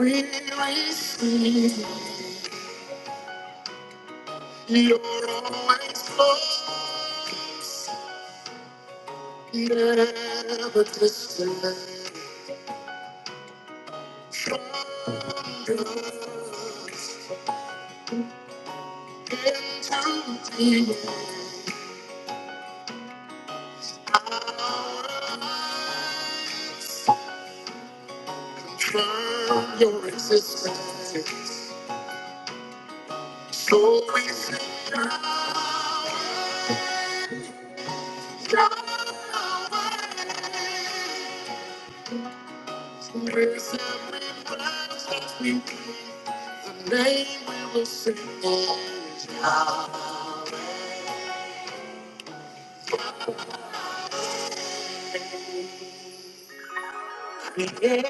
We receive your always close, never distant. From darkness into the light, from your existence. So we sing your Where's everybody's hope we be? The name we will sing is Yahweh. Yeah, yeah.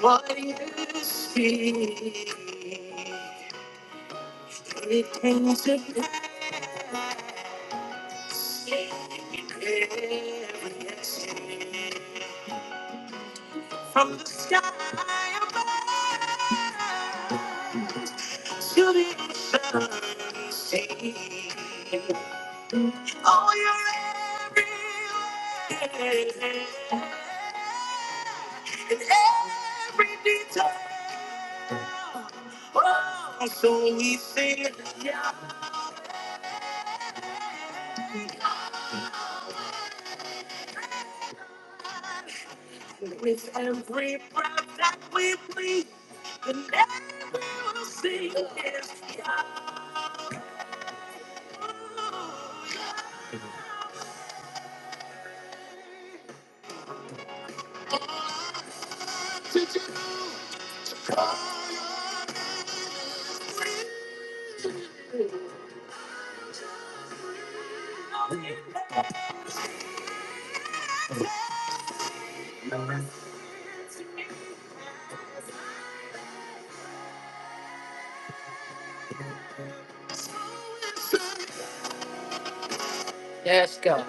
What you speak, it came to pass. Every blessing From the sky above to the ocean sea. Oh, you're everywhere. In every detail. Oh, so we sing yeah. with every breath that we breathe. The name we will sing is Yahweh. Yes, God.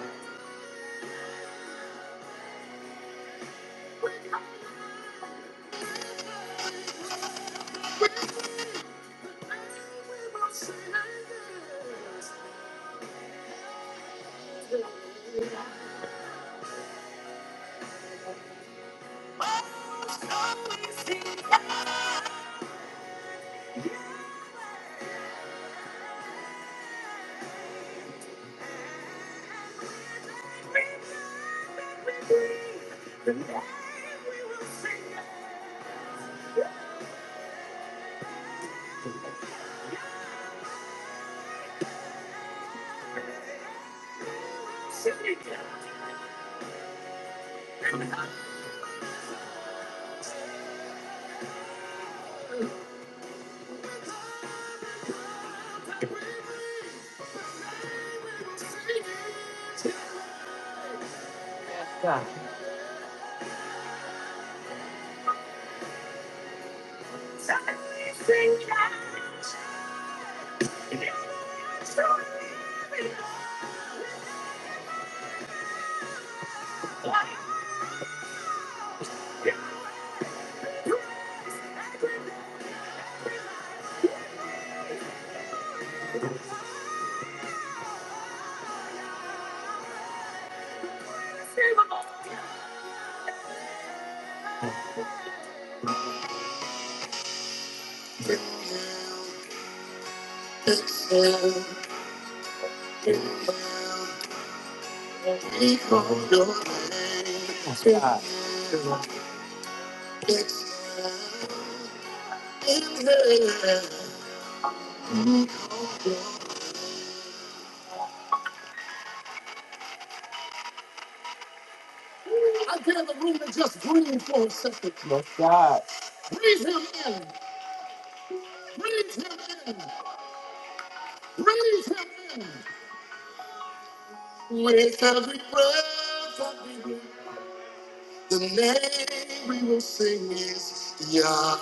Thank you. I dare the room to just breathe for a second. No. Breathe him in. Breathe him in. Breathe him in. With every breath that we breathe, the name we will sing is Yah,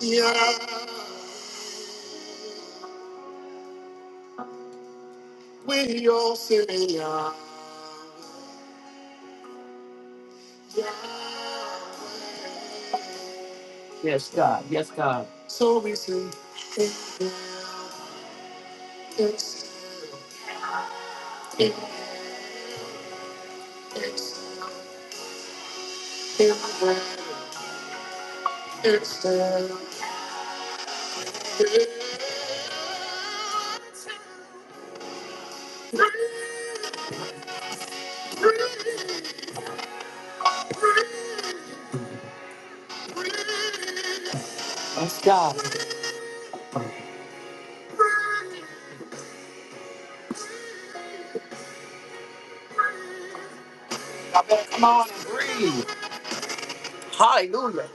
Yah. We all say Yah, Yah. Yes, God. Yes, God. So we sing. It's it, it's it, when it's the Let's go. I better come on and breathe. Hallelujah.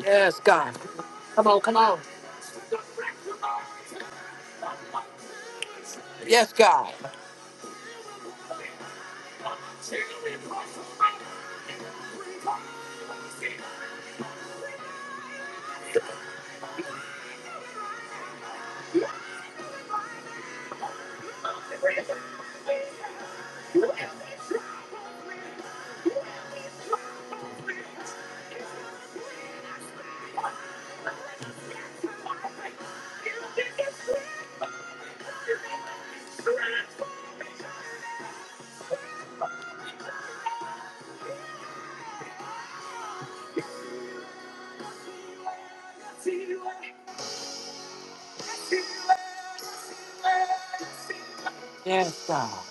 Yes, God. Come on, come on. Yes, God. Yes, God.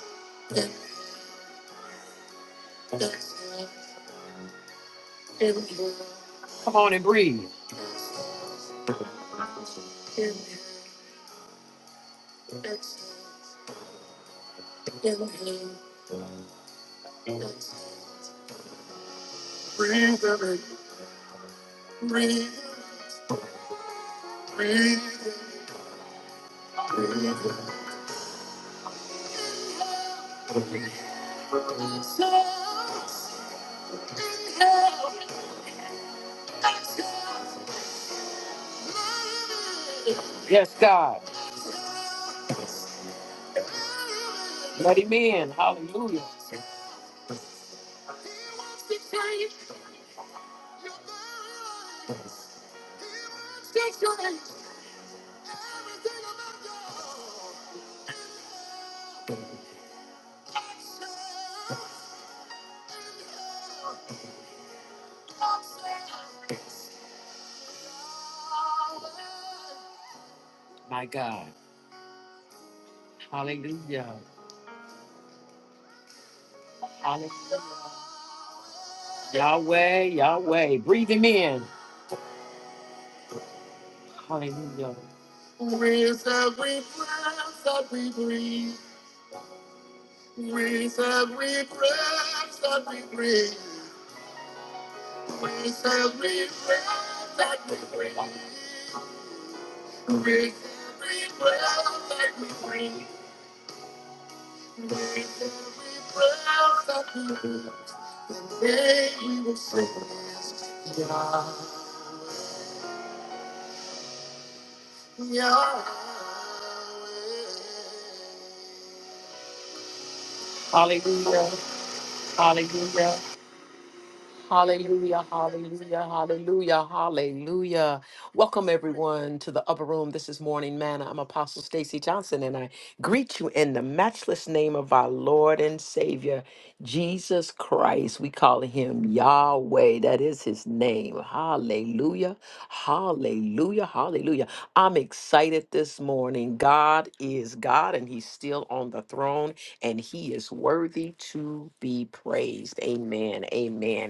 Come on and breathe. Breathe, breathe, breathe. Yes, God. Let him in. Hallelujah. My God. Hallelujah. Hallelujah. Yahweh, Yahweh. Breathe him in. Hallelujah. With every breath that we breathe, with every breath that we breathe, with every breath that we breathe, with every breath that we breathe, with every breath that we breathe, the day we will sing is Yah. Hallelujah. Hallelujah. Hallelujah, hallelujah, hallelujah, hallelujah. Welcome everyone to the upper room. This is Morning Manna. I'm Apostle Stacy Johnson and I greet you in the matchless name of our Lord and Savior, Jesus Christ. We call him Yahweh. That is his name. Hallelujah. Hallelujah. Hallelujah. I'm excited this morning. God is God and he's still on the throne and he is worthy to be praised. Amen. Amen.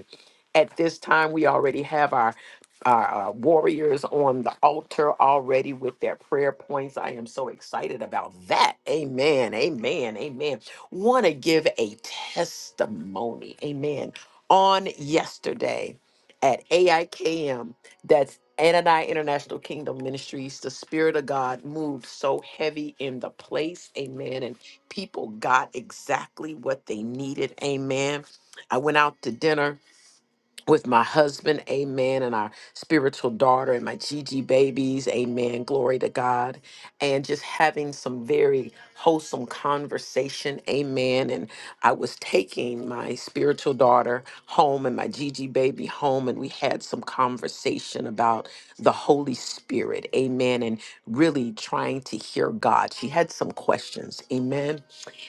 At this time, we already have our our, uh, warriors on the altar already with their prayer points. I am so excited about that. Amen. Amen. Amen. Want to give a testimony. Amen. On yesterday at AIKM, that's Anani International Kingdom Ministries, the Spirit of God moved so heavy in the place. Amen. And people got exactly what they needed. Amen. I went out to dinner with my husband, amen, and our spiritual daughter and my Gigi babies, amen, glory to God. And just having some very wholesome conversation, amen. And I was taking my spiritual daughter home and my Gigi baby home, and we had some conversation about the Holy Spirit, amen. And really trying to hear God. She had some questions. Amen.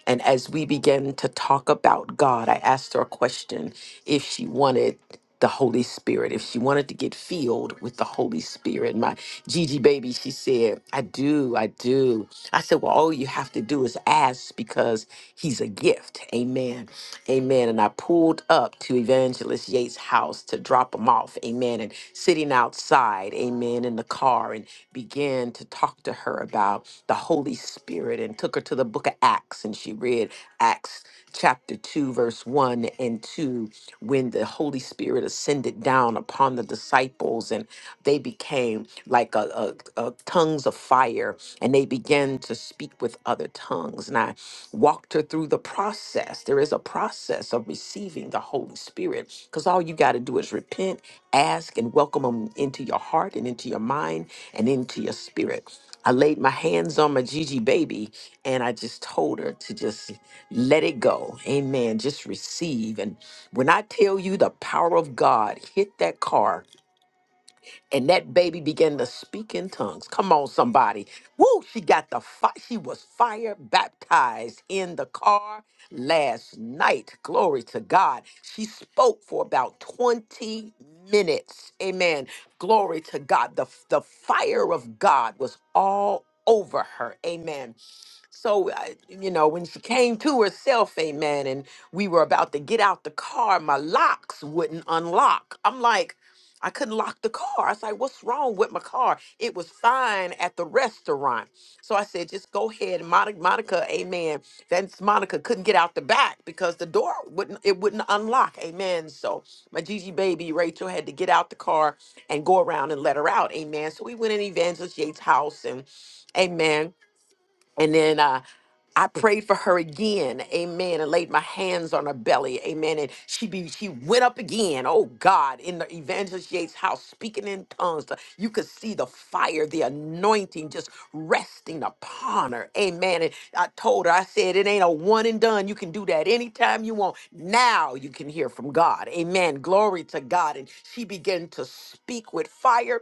And as we began to talk about God, I asked her a question if she wanted the Holy Spirit, if she wanted to get filled with the Holy Spirit. My Gigi baby, she said, I do, I do. I said, Well, all you have to do is ask because he's a gift. Amen. Amen. And I pulled up to Evangelist. Evangelist Yates' house to drop him off, amen, and sitting outside, amen, in the car and began to talk to her about the Holy Spirit and took her to the book of Acts and she read Acts chapter 2, verse 1 and 2, when the Holy Spirit ascended down upon the disciples and they became like a, a, a tongues of fire and they began to speak. with speak with other tongues. And I walked her through the process. There is a process of receiving the Holy Spirit because all you got to do is repent, ask, and welcome Him into your heart and into your mind and into your spirit. I laid my hands on my Gigi baby and I just told her to just let it go. Amen. Just receive. And when I tell you the power of God hit that car, and that baby began to speak in tongues. Come on, somebody. Woo, she got the fi- she was fire baptized in the car last night. Glory to God. She spoke for about 20 minutes. Amen. Glory to God. The, the fire of God was all over her. Amen. So, I- you know, when she came to herself, amen, and we were about to get out the car, my locks wouldn't unlock. I'm like, I couldn't lock the car. I was like, what's wrong with my car? It was fine at the restaurant. So I said, just go ahead. Monica, Monica amen. That's Monica couldn't get out the back because the door wouldn't, it wouldn't unlock. Amen. So my Gigi baby, Rachel, had to get out the car and go around and let her out. Amen. So we went in Evangelist Yates' house and amen and then uh, I prayed for her again, amen, and laid my hands on her belly, amen. And she be she went up again, oh God, in the evangelist Yates house, speaking in tongues. The- You could see the fire, the anointing just resting upon her, amen. And I told her, I said, it ain't a one and done. You can do that anytime you want. Now you can hear from God, amen. Glory to God. And she began to speak speak with fire.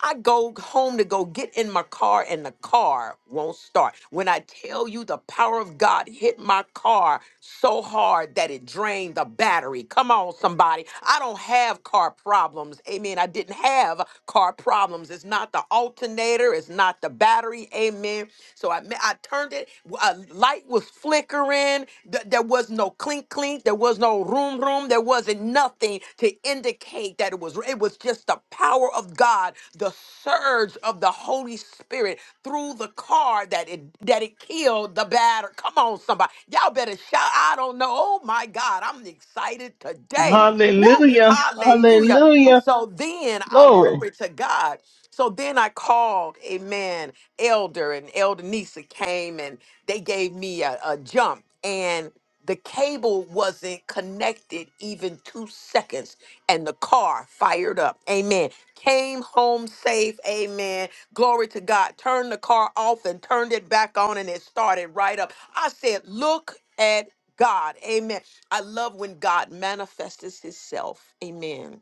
I go home to go get in my car and the car won't start. When I tell you the power of God hit my car so hard that it drained the battery. Come on, somebody. I don't have car problems. Amen. I didn't have car problems. It's not the alternator, it's not the battery. Amen. So I, I turned it, a light was flickering. Th- there was no clink clink. There was no room room. There wasn't nothing to indicate that it was. It was just the power of God, the surge of the Holy Spirit through the car that it that it killed the batter. Come on, somebody, y'all better shout. I don't know. Oh my God, I'm excited today. Woo, Hallelujah. hallelujah. Hallelujah. So then, oh Glory. glory to God. So then I called a man, Elder, and Elder Nisa came and they gave me a, a jump. And the cable wasn't connected even two seconds and the car fired up amen came home safe amen glory to god turned the car off and turned it back on and it started right up i said look at god amen i love when god manifests himself amen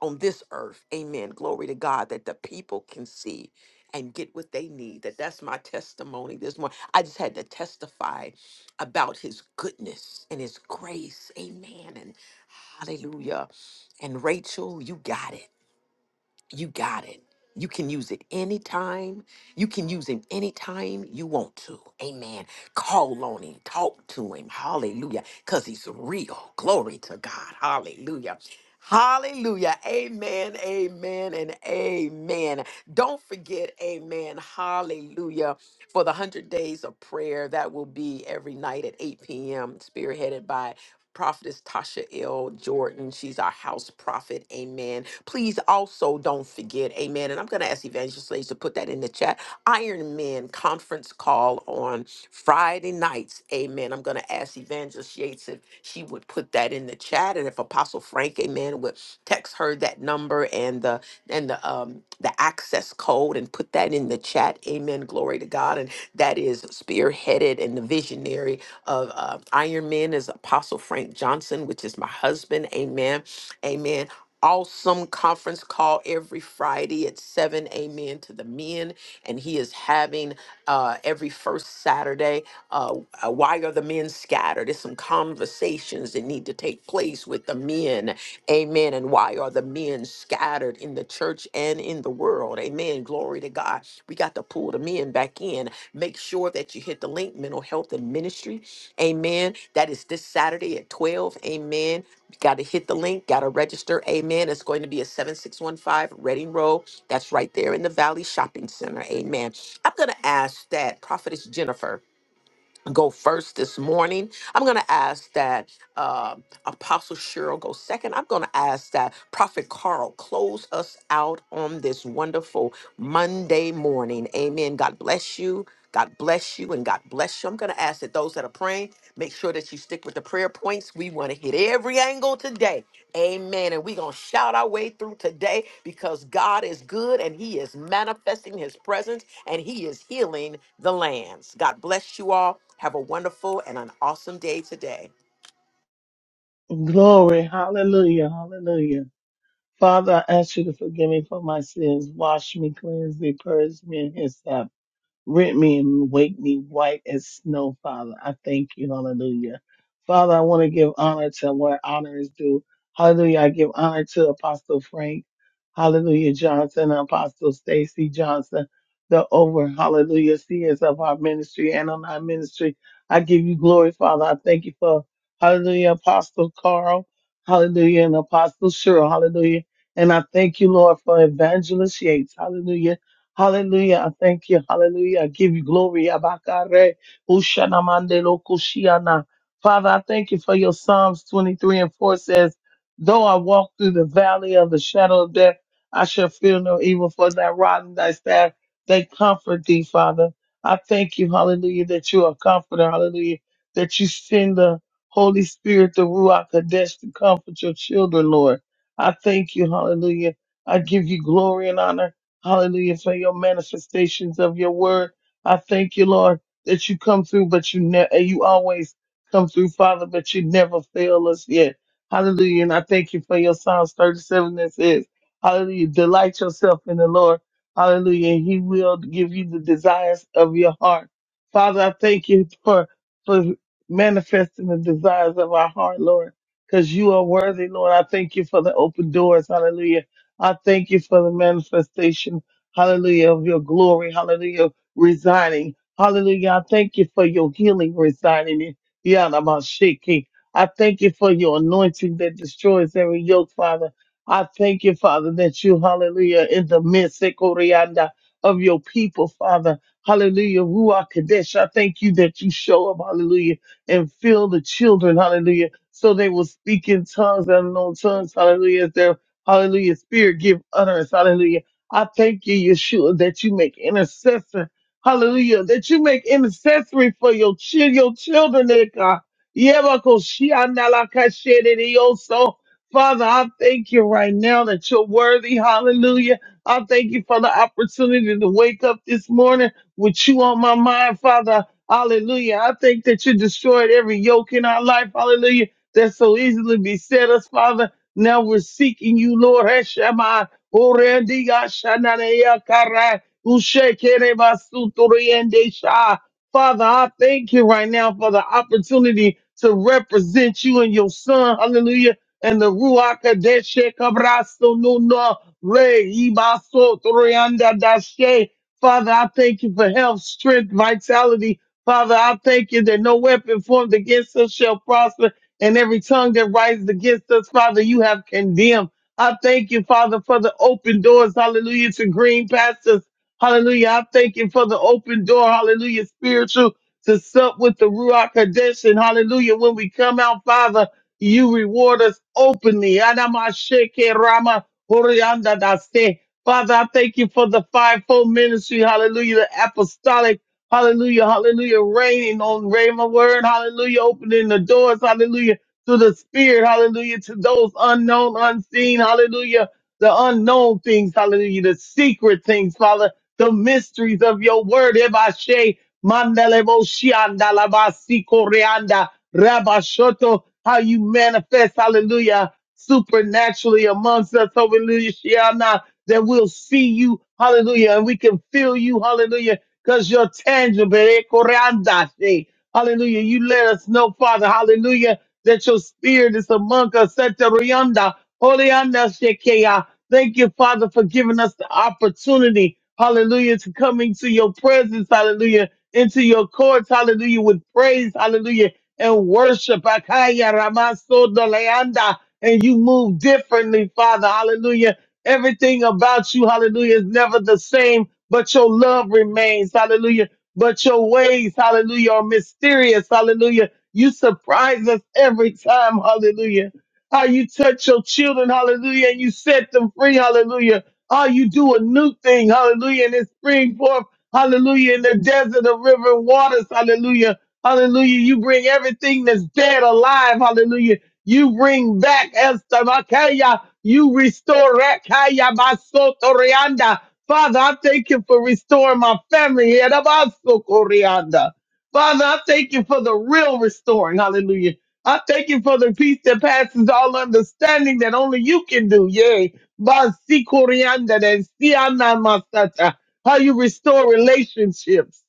on this earth. Amen. Glory to God that the people can see and get what they need. That that's my testimony this morning. I just had to testify about his goodness and his grace. Amen. And hallelujah. And Rachel, you got it you got it. You can use it anytime. You can use him anytime you want to. Amen. Call on him. Talk to him. Hallelujah. Because he's real. Glory to God. Hallelujah. Hallelujah. Amen. Amen. And amen. Don't forget, amen. Hallelujah. For the 100 days of prayer, that will be every night at 8 p.m., spearheaded by Prophetess Tasha L. Jordan. She's our house prophet. Amen. Please also don't forget, amen. And I'm going to ask Evangelist Slaves to put that in the chat. Iron Man conference call on Friday nights. Amen. I'm going to ask Evangelist Yates if she would put that in the chat. And if Apostle Frank, amen, would text her that number and the and the um the access code and put that in the chat. Amen. Glory to God. And that is spearheaded and the visionary of uh, Iron Men is Apostle Frank Johnson, which is my husband. Amen. Amen. Awesome conference call every Friday at 7 amen to the men. And he is having uh, every first Saturday. Uh, uh, why are the men scattered? There's some conversations that need to take place with the men. Amen. And why are the men scattered in the church and in the world? Amen. Glory to God. We got to pull the men back in. Make sure that you hit the link, mental health and ministry Amen. That is this Saturday at 12. Amen. Got to hit the link, got to register. Amen. It's going to be at 7615 Reading Road. That's right there in the Valley Shopping Center. Amen. I'm going to ask that Prophetess Jennifer go first this morning. I'm going to ask that uh, Apostle Cheryl go second. I'm going to ask that Prophet Carl close us out on this wonderful Monday morning. Amen. God bless you. God bless you and God bless you. I'm going to ask that those that are praying, make sure that you stick with the prayer points. We want to hit every angle today. Amen. And we're going to shout our way through today because God is good and He is manifesting His presence and He is healing the lands. God bless you all. Have a wonderful and an awesome day today. Glory. Hallelujah. Hallelujah. Father, I ask you to forgive me for my sins. Wash me, cleanse me, purge me, and hyssop. Rent me and wake me white as snow, Father. I thank you. Hallelujah. Father, I want to give honor to where honor is due. Hallelujah. I give honor to Apostle Frank. Hallelujah Johnson, Apostle Stacy Johnson, the over, hallelujah, seers of our ministry and on our ministry. I give you glory, Father. I thank you for, hallelujah, Apostle Carl, hallelujah, and Apostle Cheryl, hallelujah. And I thank you, Lord, for Evangelist Yates, hallelujah. Hallelujah. I thank you. Hallelujah. I give you glory. Abakare, ushanamande lokushiana. Father, I thank you for your Psalms 23 and 4 says, Though I walk through the valley of the shadow of death, I shall fear no evil, for thy rod and thy staff, they comfort thee, Father. I thank you, hallelujah, that you are a comforter, hallelujah, that you send the Holy Spirit, the Ruach Kadesh, to comfort your children, Lord. I thank you, hallelujah. I give you glory and honor. Hallelujah. For your manifestations of your word. I thank you, Lord, that you come through, but you never, you always come through, Father, but you never fail us yet. Hallelujah. And I thank you for your Psalms 37 that says, Hallelujah. Delight yourself in the Lord. Hallelujah. And he will give you the desires of your heart. Father, I thank you for, for manifesting the desires of our heart, Lord, because you are worthy, Lord. I thank you for the open doors. Hallelujah I thank you for the manifestation, hallelujah, of your glory, hallelujah, residing. Hallelujah. I thank you for your healing residing in Yanamashiki. I thank you for your anointing that destroys every yoke, Father. I thank you, Father, that you, hallelujah, in the midst Sekorianda, of your people, Father. Hallelujah. Ruach Kadesh. I thank you that you show up, hallelujah, and fill the children, hallelujah, so they will speak in tongues and unknown tongues, hallelujah, as their Hallelujah. Spirit, give utterance. Hallelujah. I thank you, Yeshua, that you make intercessor. Hallelujah. That you make intercessory for your, chil- your children, dear God. Yebakoshiandalakashedidioso. Father, I thank you right now that you're worthy. Hallelujah. I thank you for the opportunity to wake up this morning with you on my mind, Father. Hallelujah. I thank that you destroyed every yoke in our life. Hallelujah. That so easily beset us, Father. Now we're seeking you, Lord Heshema. Orendiga shananea kara ushekere basutoriendesha. Father, I thank you right now for the opportunity to represent you and your son. Hallelujah. And the Ruach Kadeshe Kabrasto Nuna Re Ibaso Torianda Dashe. Father, I thank you for health, strength, vitality. Father, I thank you that no weapon formed against us shall prosper and every tongue that rises against us, Father, you have condemned. I thank you, Father, for the open doors, hallelujah, to green pastors, hallelujah. I thank you for the open door, hallelujah, spiritual to sup with the Ruach Kadesh, and hallelujah, when we come out, Father, you reward us openly. Adamasheke Rama Horianda Daste. Father, I thank you for the fivefold ministry, hallelujah, the apostolic. Hallelujah, hallelujah. Raining on Rhema word. Hallelujah. Opening the doors. Hallelujah. To the spirit. Hallelujah. To those unknown, unseen. Hallelujah. The unknown things. Hallelujah. The secret things, Father. The mysteries of your word. Ebashe. Mandelebo shianda labasi koreanda. Rabashoto. How you manifest. Hallelujah. Supernaturally amongst us. Hallelujah. Shiana. That we'll see you. Hallelujah. And we can feel you. Hallelujah because you're tangible. Eh, koreandashe. Hallelujah. You let us know, Father, hallelujah, that your spirit is among us. Seterianda, holeandashekeya. Thank you, Father, for giving us the opportunity, hallelujah, to come into your presence, hallelujah, into your courts, hallelujah, with praise, hallelujah, and worship. Akaya ramaso doleanda. And you move differently, Father, hallelujah. Everything about you, hallelujah, is never the same but your love remains. Hallelujah. But your ways, hallelujah, are mysterious. Hallelujah. You surprise us every time. Hallelujah. How you touch your children. Hallelujah. And you set them free. Hallelujah. How you do a new thing. Hallelujah. And it spring forth. Hallelujah. In the desert of river waters. Hallelujah. Hallelujah. You bring everything that's dead alive. Hallelujah. You bring back Esther Makaya. You restore Rakaya Basotorianda. Father, I thank you for restoring my family. here. Yedabasokorianda. Father, I thank you for the real restoring. Hallelujah. I thank you for the peace that passes all understanding that only you can do. Yay. Basikorianda de siana masata. How you restore relationships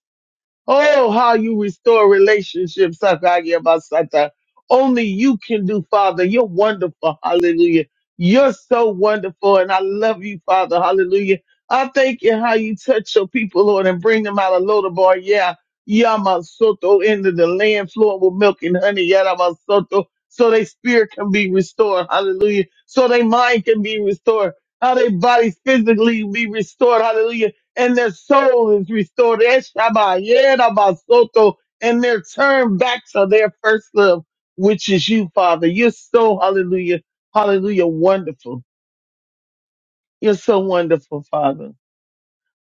Oh, how you restore relationships. Sakayabasata. Only you can do, Father. You're wonderful. Hallelujah. You're so wonderful. And I love you, Father. Hallelujah. I thank you how you touch your people, Lord, and bring them out of Lodabar. Yeah. Yamasoto into the land flowing with milk and honey. Yamasoto. So their spirit can be restored. Hallelujah. So their mind can be restored. How their bodies physically be restored. Hallelujah and their soul is restored. Eshaba, yerabasoto, And they're turned back to their first love, which is you, Father. You're so hallelujah, hallelujah, wonderful. You're so wonderful, Father.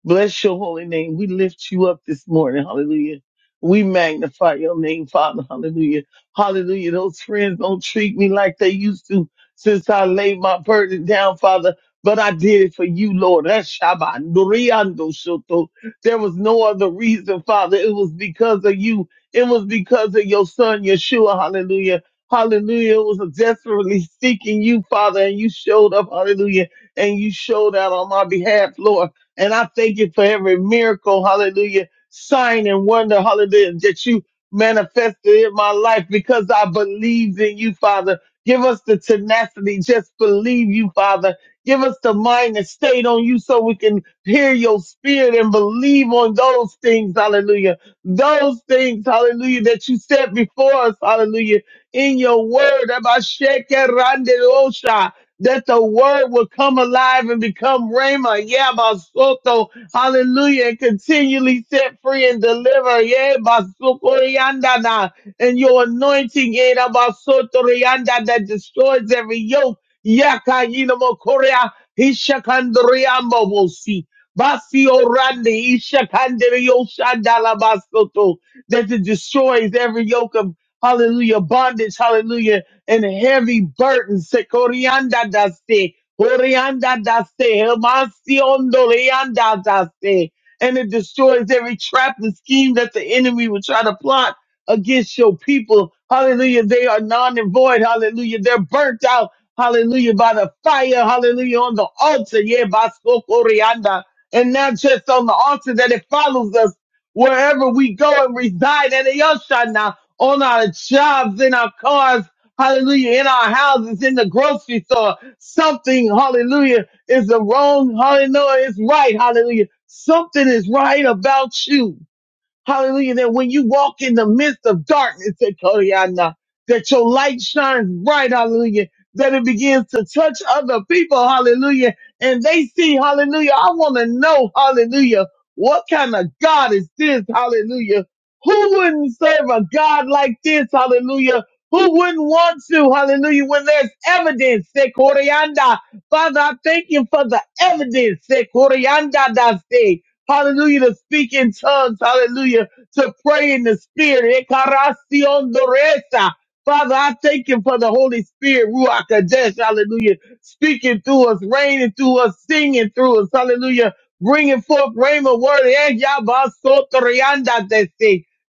Bless your holy name. We lift you up this morning. Hallelujah. We magnify your name, Father. Hallelujah. Hallelujah. Those friends don't treat me like they used to since I laid my burden down, Father. But I did it for you, Lord. That's Shabbat. Nuriando Shoto. There was no other reason, Father. It was because of you. It was because of your son, Yeshua. Hallelujah. Hallelujah. It was desperately seeking you, Father, and you showed up. Hallelujah. And you showed out on my behalf, Lord. And I thank you for every miracle, hallelujah, sign and wonder, hallelujah, that you manifested in my life because I believed in you, Father. Give us the tenacity, just believe you, Father. Give us the mind that stayed on you so we can hear your spirit and believe on those things, hallelujah. Those things, hallelujah, that you said before us, hallelujah, in your word. Abba, Shekinah, Rande, Osha that the word will come alive and become Rhema, yeah, Basoto, hallelujah, and continually set free and deliver, yeah, Basuko Yandana, and your anointing, yeah, Basoto Rianda, that destroys every yoke, Yaka Yinamo Korea, Ishakandriambo will see. Basi orandi ishakandere yoshandala basoto that it destroys every yoke of hallelujah bondage hallelujah and heavy burdens. Se corianda da se, corianda da se, hemasiondo leanda da se. And it destroys every trap and scheme that the enemy would try to plot against your people. Hallelujah. They are non and void. Hallelujah. They're burnt out. Hallelujah. By the fire. Hallelujah. On the altar. Yeah, baso corianda. And not just on the altar that it follows us wherever we go and reside at Yoshana, on our jobs, in our cars, hallelujah, in our houses, in the grocery store. Something, hallelujah, is the wrong, hallelujah, it's right, hallelujah. Something is right about you. Hallelujah. That when you walk in the midst of darkness, that Koryana, that your light shines bright. Hallelujah. That it begins to touch other people. Hallelujah. And they see, hallelujah. I want to know, hallelujah. What kind of God is this? Hallelujah. Who wouldn't serve a God like this? Hallelujah. Who wouldn't want to? Hallelujah. When there's evidence, say, Koryana. Father, I thank you for the evidence, say, Hallelujah. To speak in tongues. Hallelujah. To pray in the spirit. Ekarasion doresa. Father, I thank you for the Holy Spirit, Ruach Kadesh, hallelujah, speaking through us, reigning through us, singing through us, hallelujah, bringing forth rhema word, eh, yabba, soto, rianda, they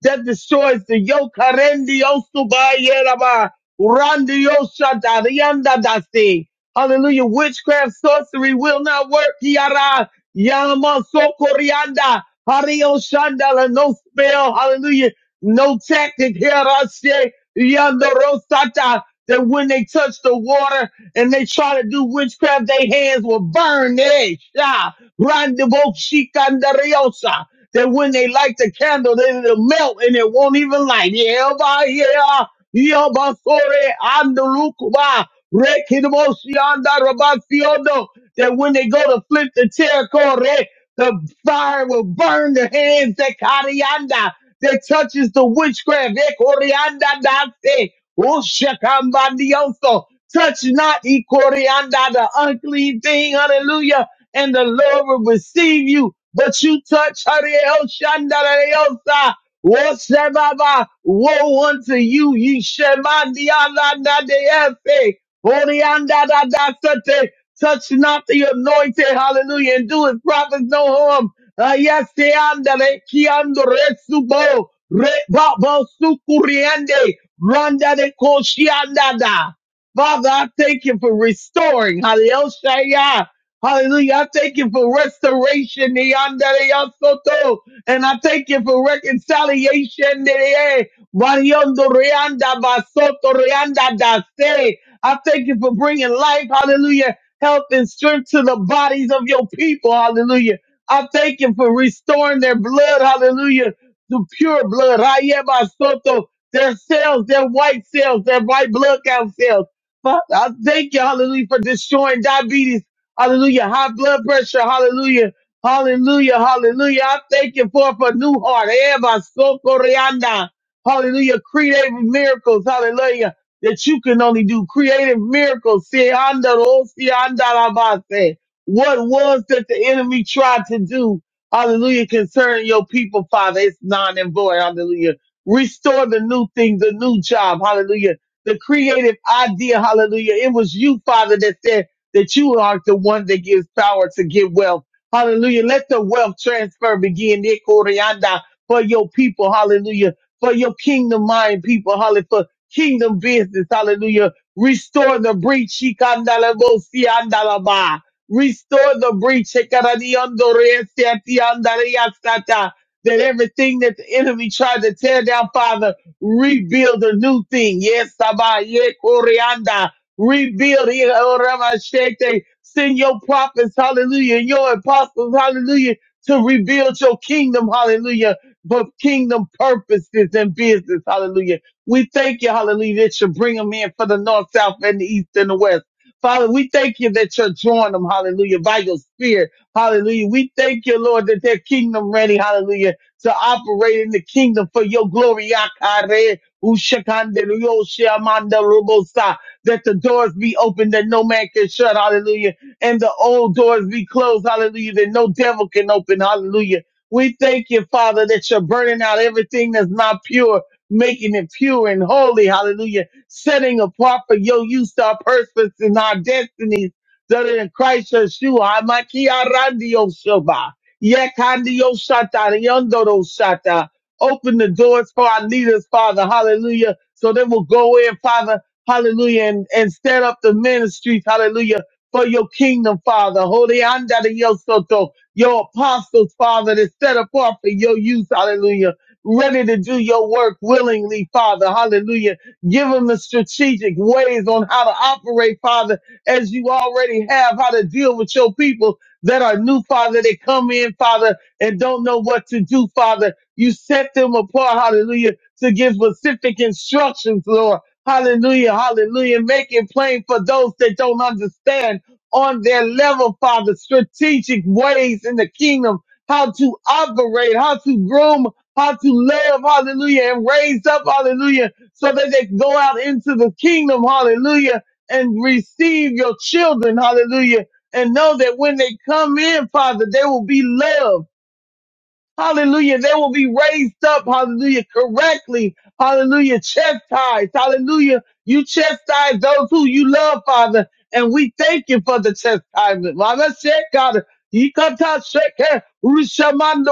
that destroys the yoke, harendio, subayeraba, randio, shata, rianda, they say. hallelujah, witchcraft, sorcery will not work, Yara. Yamaso Corianda. Hario Shandala. No spell. Hallelujah. No tactic. Here I say. Yanda Rosata. That when they touch the water and they try to do witchcraft, their hands will burn. They sha. Randibo Shikandariosa. That when they light the candle, then it'll melt and it won't even light. Yeah, bye, yeah. Yeah, bye, sorry. I'm the Lukuba. Rekidmosianda Rabasiondo that when they go to flip the terracotta, the fire will burn their hands. That coriander that touches the witchcraft. That coriander dance. Oh, shakambandioso. Touch not e coriander, the unclean thing. Hallelujah. And the Lord will receive you. But you touch Hallelujah. Whatsoever woe unto you, ye Shemandi Alanda de Efe, Orianda da da sate, Touch not the anointed, hallelujah, and do his prophets no harm. Ah, yes, te andale, ki ando subo, re babo sukuriende, randa de koshiandada. Father, I thank you for restoring, hallelujah. Hallelujah. I thank you for restoration, the andale ya soto, and I thank you for reconciliation, the Variando Reanda Basoto Reanda da se. I thank you for bringing life, hallelujah, health and strength to the bodies of your people. Hallelujah. I thank you for restoring their blood. Hallelujah. To pure blood. Hayebasoto. Their cells, their white cells, their white blood count cells. Father, I thank you. Hallelujah. For destroying diabetes. Hallelujah. High blood pressure. Hallelujah. Hallelujah. Hallelujah. I thank you for, for new heart. Hayebasokoreanda. Hallelujah. Creative miracles. Hallelujah that you can only do creative miracles. See, anda ro, see, anda la What was that the enemy tried to do? Hallelujah. Concerning your people, Father, it's non and void. Hallelujah. Restore the new thing, the new job. Hallelujah. The creative idea. Hallelujah. It was you, Father, that said that you are the one that gives power to give wealth. Hallelujah. Let the wealth transfer begin. Nico Rianda, For your people. Hallelujah for your kingdom mind people. Hallelujah kingdom business. Hallelujah. Restore the breach. Shikandalabosi andalaba. Restore the breach. Shekaradiondoresiati andariasata. That everything that the enemy tried to tear down, Father, rebuild a new thing. Yes, Saba, ye Koreanda. Rebuild. ye oramashete. Send your prophets, hallelujah, and your apostles, hallelujah, to rebuild your kingdom, hallelujah, but kingdom purposes and business, hallelujah. We thank you, hallelujah, that you bring them in for the north, south, and the east and the west. Father, we thank you that you're drawing them, hallelujah, by your spirit, hallelujah. We thank you, Lord, that they're kingdom ready, hallelujah, to operate in the kingdom for your glory. Yakare, ushakande, riyoshe, robosa. That the doors be open that no man can shut, hallelujah, and the old doors be closed, hallelujah, that no devil can open, hallelujah. We thank you, Father, that you're burning out everything that's not pure making it pure and holy. Hallelujah. Setting apart for your use, our purpose and our destinies. That are in Christ Yeshua, Amakia Randio Shoba, Yekandio Shata, Yondoro Shata. Open the doors for our leaders, Father. Hallelujah. So they will go in, Father. Hallelujah. And, and set up the ministries. Hallelujah. For your kingdom, Father. Holy Anda de Yosoto your apostles, Father, that set apart for your use, hallelujah ready to do your work willingly, Father. Hallelujah. Give them the strategic ways on how to operate, Father, as you already have, how to deal with your people that are new, Father. They come in, Father, and don't know what to do, Father. You set them apart, hallelujah, to give specific instructions, Lord. Hallelujah, hallelujah. Make it plain for those that don't understand on their level, Father, strategic ways in the kingdom, how to operate, how to groom how to love, hallelujah, and raise up, hallelujah, so that they can go out into the kingdom, hallelujah, and receive your children, hallelujah, and know that when they come in, Father, they will be loved Hallelujah. They will be raised up. Hallelujah. Correctly. Hallelujah. Chastised. Hallelujah. You chastise those who you love, Father. And we thank you for the chastisement. Mama said, God, you come to shake Rushamanda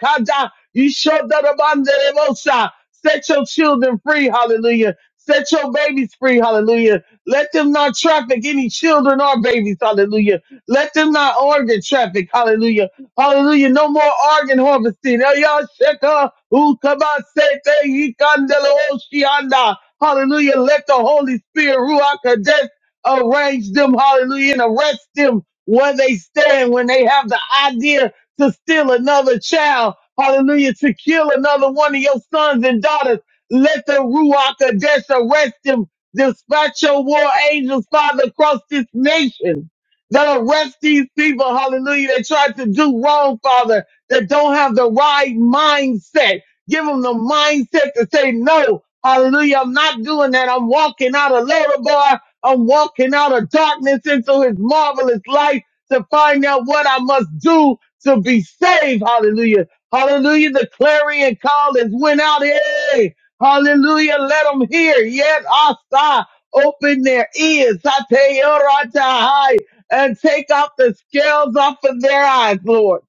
Rokada. You showed that Emosa. Set your children free. Hallelujah. Set your babies free. Hallelujah. Let them not traffic any children or babies. Hallelujah. Let them not organ traffic. Hallelujah. Hallelujah. No more organ harvesting. Ayasheka ukabasete ikandele oshianda. Hallelujah. Let the Holy Spirit, Ruach Kadesh, arrange them. Hallelujah. And arrest them where they stand when they have the idea to steal another child. Hallelujah. To kill another one of your sons and daughters. Let the Ruach Kadesh arrest them. Dispatch your war angels, Father, across this nation that arrest these people, hallelujah, that tried to do wrong, Father, that don't have the right mindset. Give them the mindset to say, no, hallelujah, I'm not doing that. I'm walking out of Lord, I'm walking out of darkness into his marvelous light to find out what I must do to be saved. Hallelujah. Hallelujah. The clarion call has went out. Hey, hallelujah. Let them hear. Yet, Asa, open their ears. Satayarata and take off the scales off of their eyes, Lord,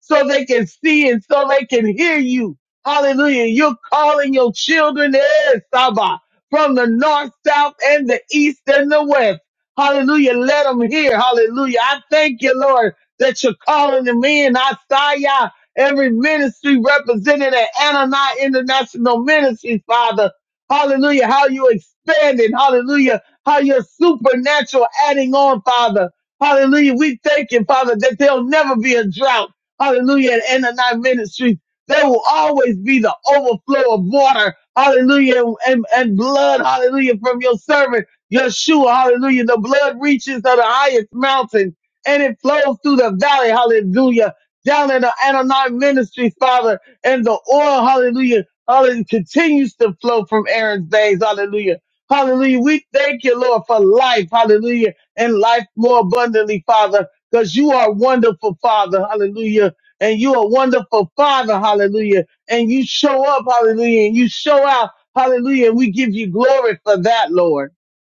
so they can see and so they can hear you. Hallelujah. You're calling your children in, Saba, from the north, south, and the east and the west. Hallelujah. Let them hear. Hallelujah. I thank you, Lord, that you're calling them in. I saw ya. Every ministry represented at Anani International Ministries, Father. Hallelujah. How you expanding. Hallelujah. How you're supernatural adding on, Father. Hallelujah. We thank you, Father, that there'll never be a drought. Hallelujah. At End of Night Ministries, there will always be the overflow of water. Hallelujah. And, and blood. Hallelujah. From your servant, Yeshua. Hallelujah. The blood reaches to the highest mountain and it flows through the valley. Hallelujah. Down in the Ananai Ministries, Father, and the oil. Hallelujah. Hallelujah. Continues to flow from Aaron's days. Hallelujah. Hallelujah. We thank you, Lord, for life. Hallelujah and life more abundantly, Father, because you are wonderful, Father. Hallelujah. And you are wonderful, Father. Hallelujah. And you show up, hallelujah. And you show out, hallelujah. And we give you glory for that, Lord.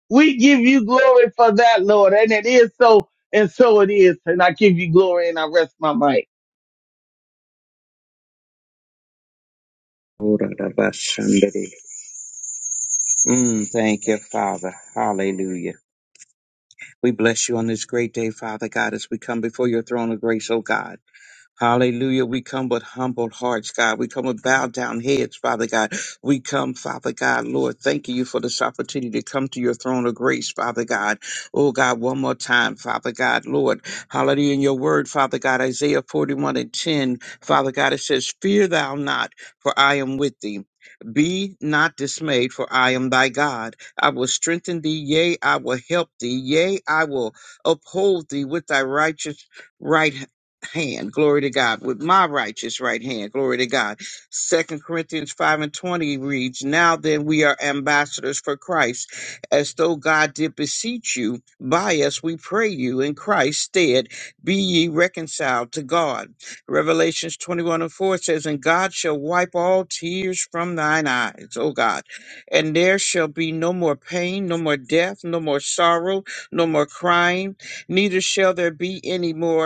We give you glory for that, Lord. And it is so, and so it is. And I give you glory and I rest my mic. Orarabashandere. Mm, thank you, Father. Hallelujah. We bless you on this great day, Father God, as we come before your throne of grace, oh God. Hallelujah. We come with humble hearts, God. We come with bowed down heads, Father God. We come, Father God, Lord, thanking you for this opportunity to come to your throne of grace, Father God. Oh, God, one more time, Father God, Lord. Hallelujah. In your word, Father God, Isaiah 41 and 10, Father God, it says, Fear thou not, for I am with thee. Be not dismayed, for I am thy God. I will strengthen thee, yea, I will help thee, yea, I will uphold thee with thy righteous right hand hand, glory to God, with my righteous right hand, glory to God. Second Corinthians 5 and 20 reads, Now then we are ambassadors for Christ, as though God did beseech you, by us we pray you in Christ's stead, be ye reconciled to God. Revelations 21 and 4 says, And God shall wipe all tears from thine eyes, O God, and there shall be no more pain, no more death, no more sorrow, no more crying, neither shall there be any more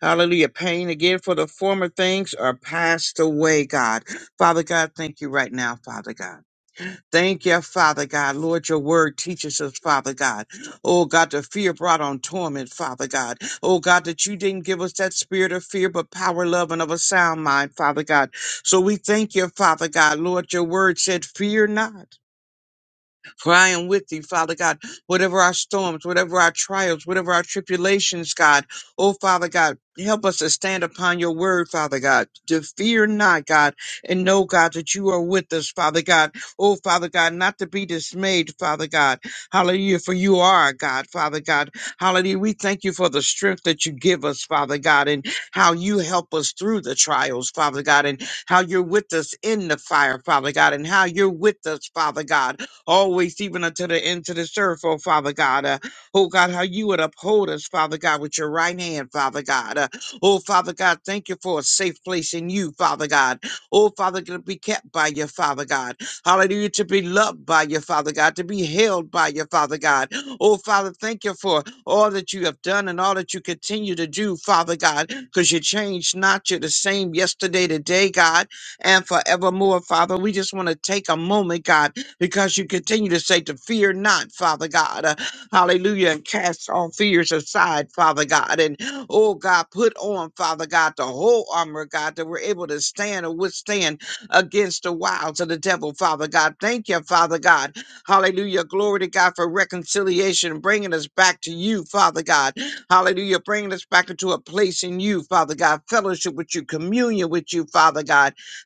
Hallelujah. Pain again for the former things are passed away, God. Father God, thank you right now, Father God. Thank you, Father God. Lord, your word teaches us, Father God. Oh God, the fear brought on torment, Father God. Oh God, that you didn't give us that spirit of fear, but power, love, and of a sound mind, Father God. So we thank you, Father God. Lord, your word said, Fear not. For I am with thee, Father God. Whatever our storms, whatever our trials, whatever our tribulations, God. Oh, Father God, help us to stand upon your word, Father God. To fear not, God, and know, God, that you are with us, Father God. Oh, Father God, not to be dismayed, Father God. Hallelujah. For you are our God, Father God. Hallelujah. We thank you for the strength that you give us, Father God, and how you help us through the trials, Father God, and how you're with us in the fire, Father God, and how you're with us, Father God always, even until the end to the earth, oh Father God. Uh, oh God, how you would uphold us, Father God, with your right hand, Father God. Uh, oh Father God, thank you for a safe place in you, Father God. Oh Father, to be kept by your Father God. Hallelujah, to be loved by your Father God, to be held by your Father God. Oh Father, thank you for all that you have done and all that you continue to do, Father God, because you changed not. You're the same yesterday, today, God, and forevermore, Father. We just want to take a moment, God because you continue to say to fear not, Father God. Uh, hallelujah. And cast all fears aside, Father God. And oh God, put on, Father God, the whole armor, God, that we're able to stand or withstand against the wiles of the devil, Father God. Thank you, Father God. Hallelujah. Glory to God for reconciliation, bringing us back to you, Father God. Hallelujah. Bringing us back into a place in you, Father God. Fellowship with you, communion with you, Father God.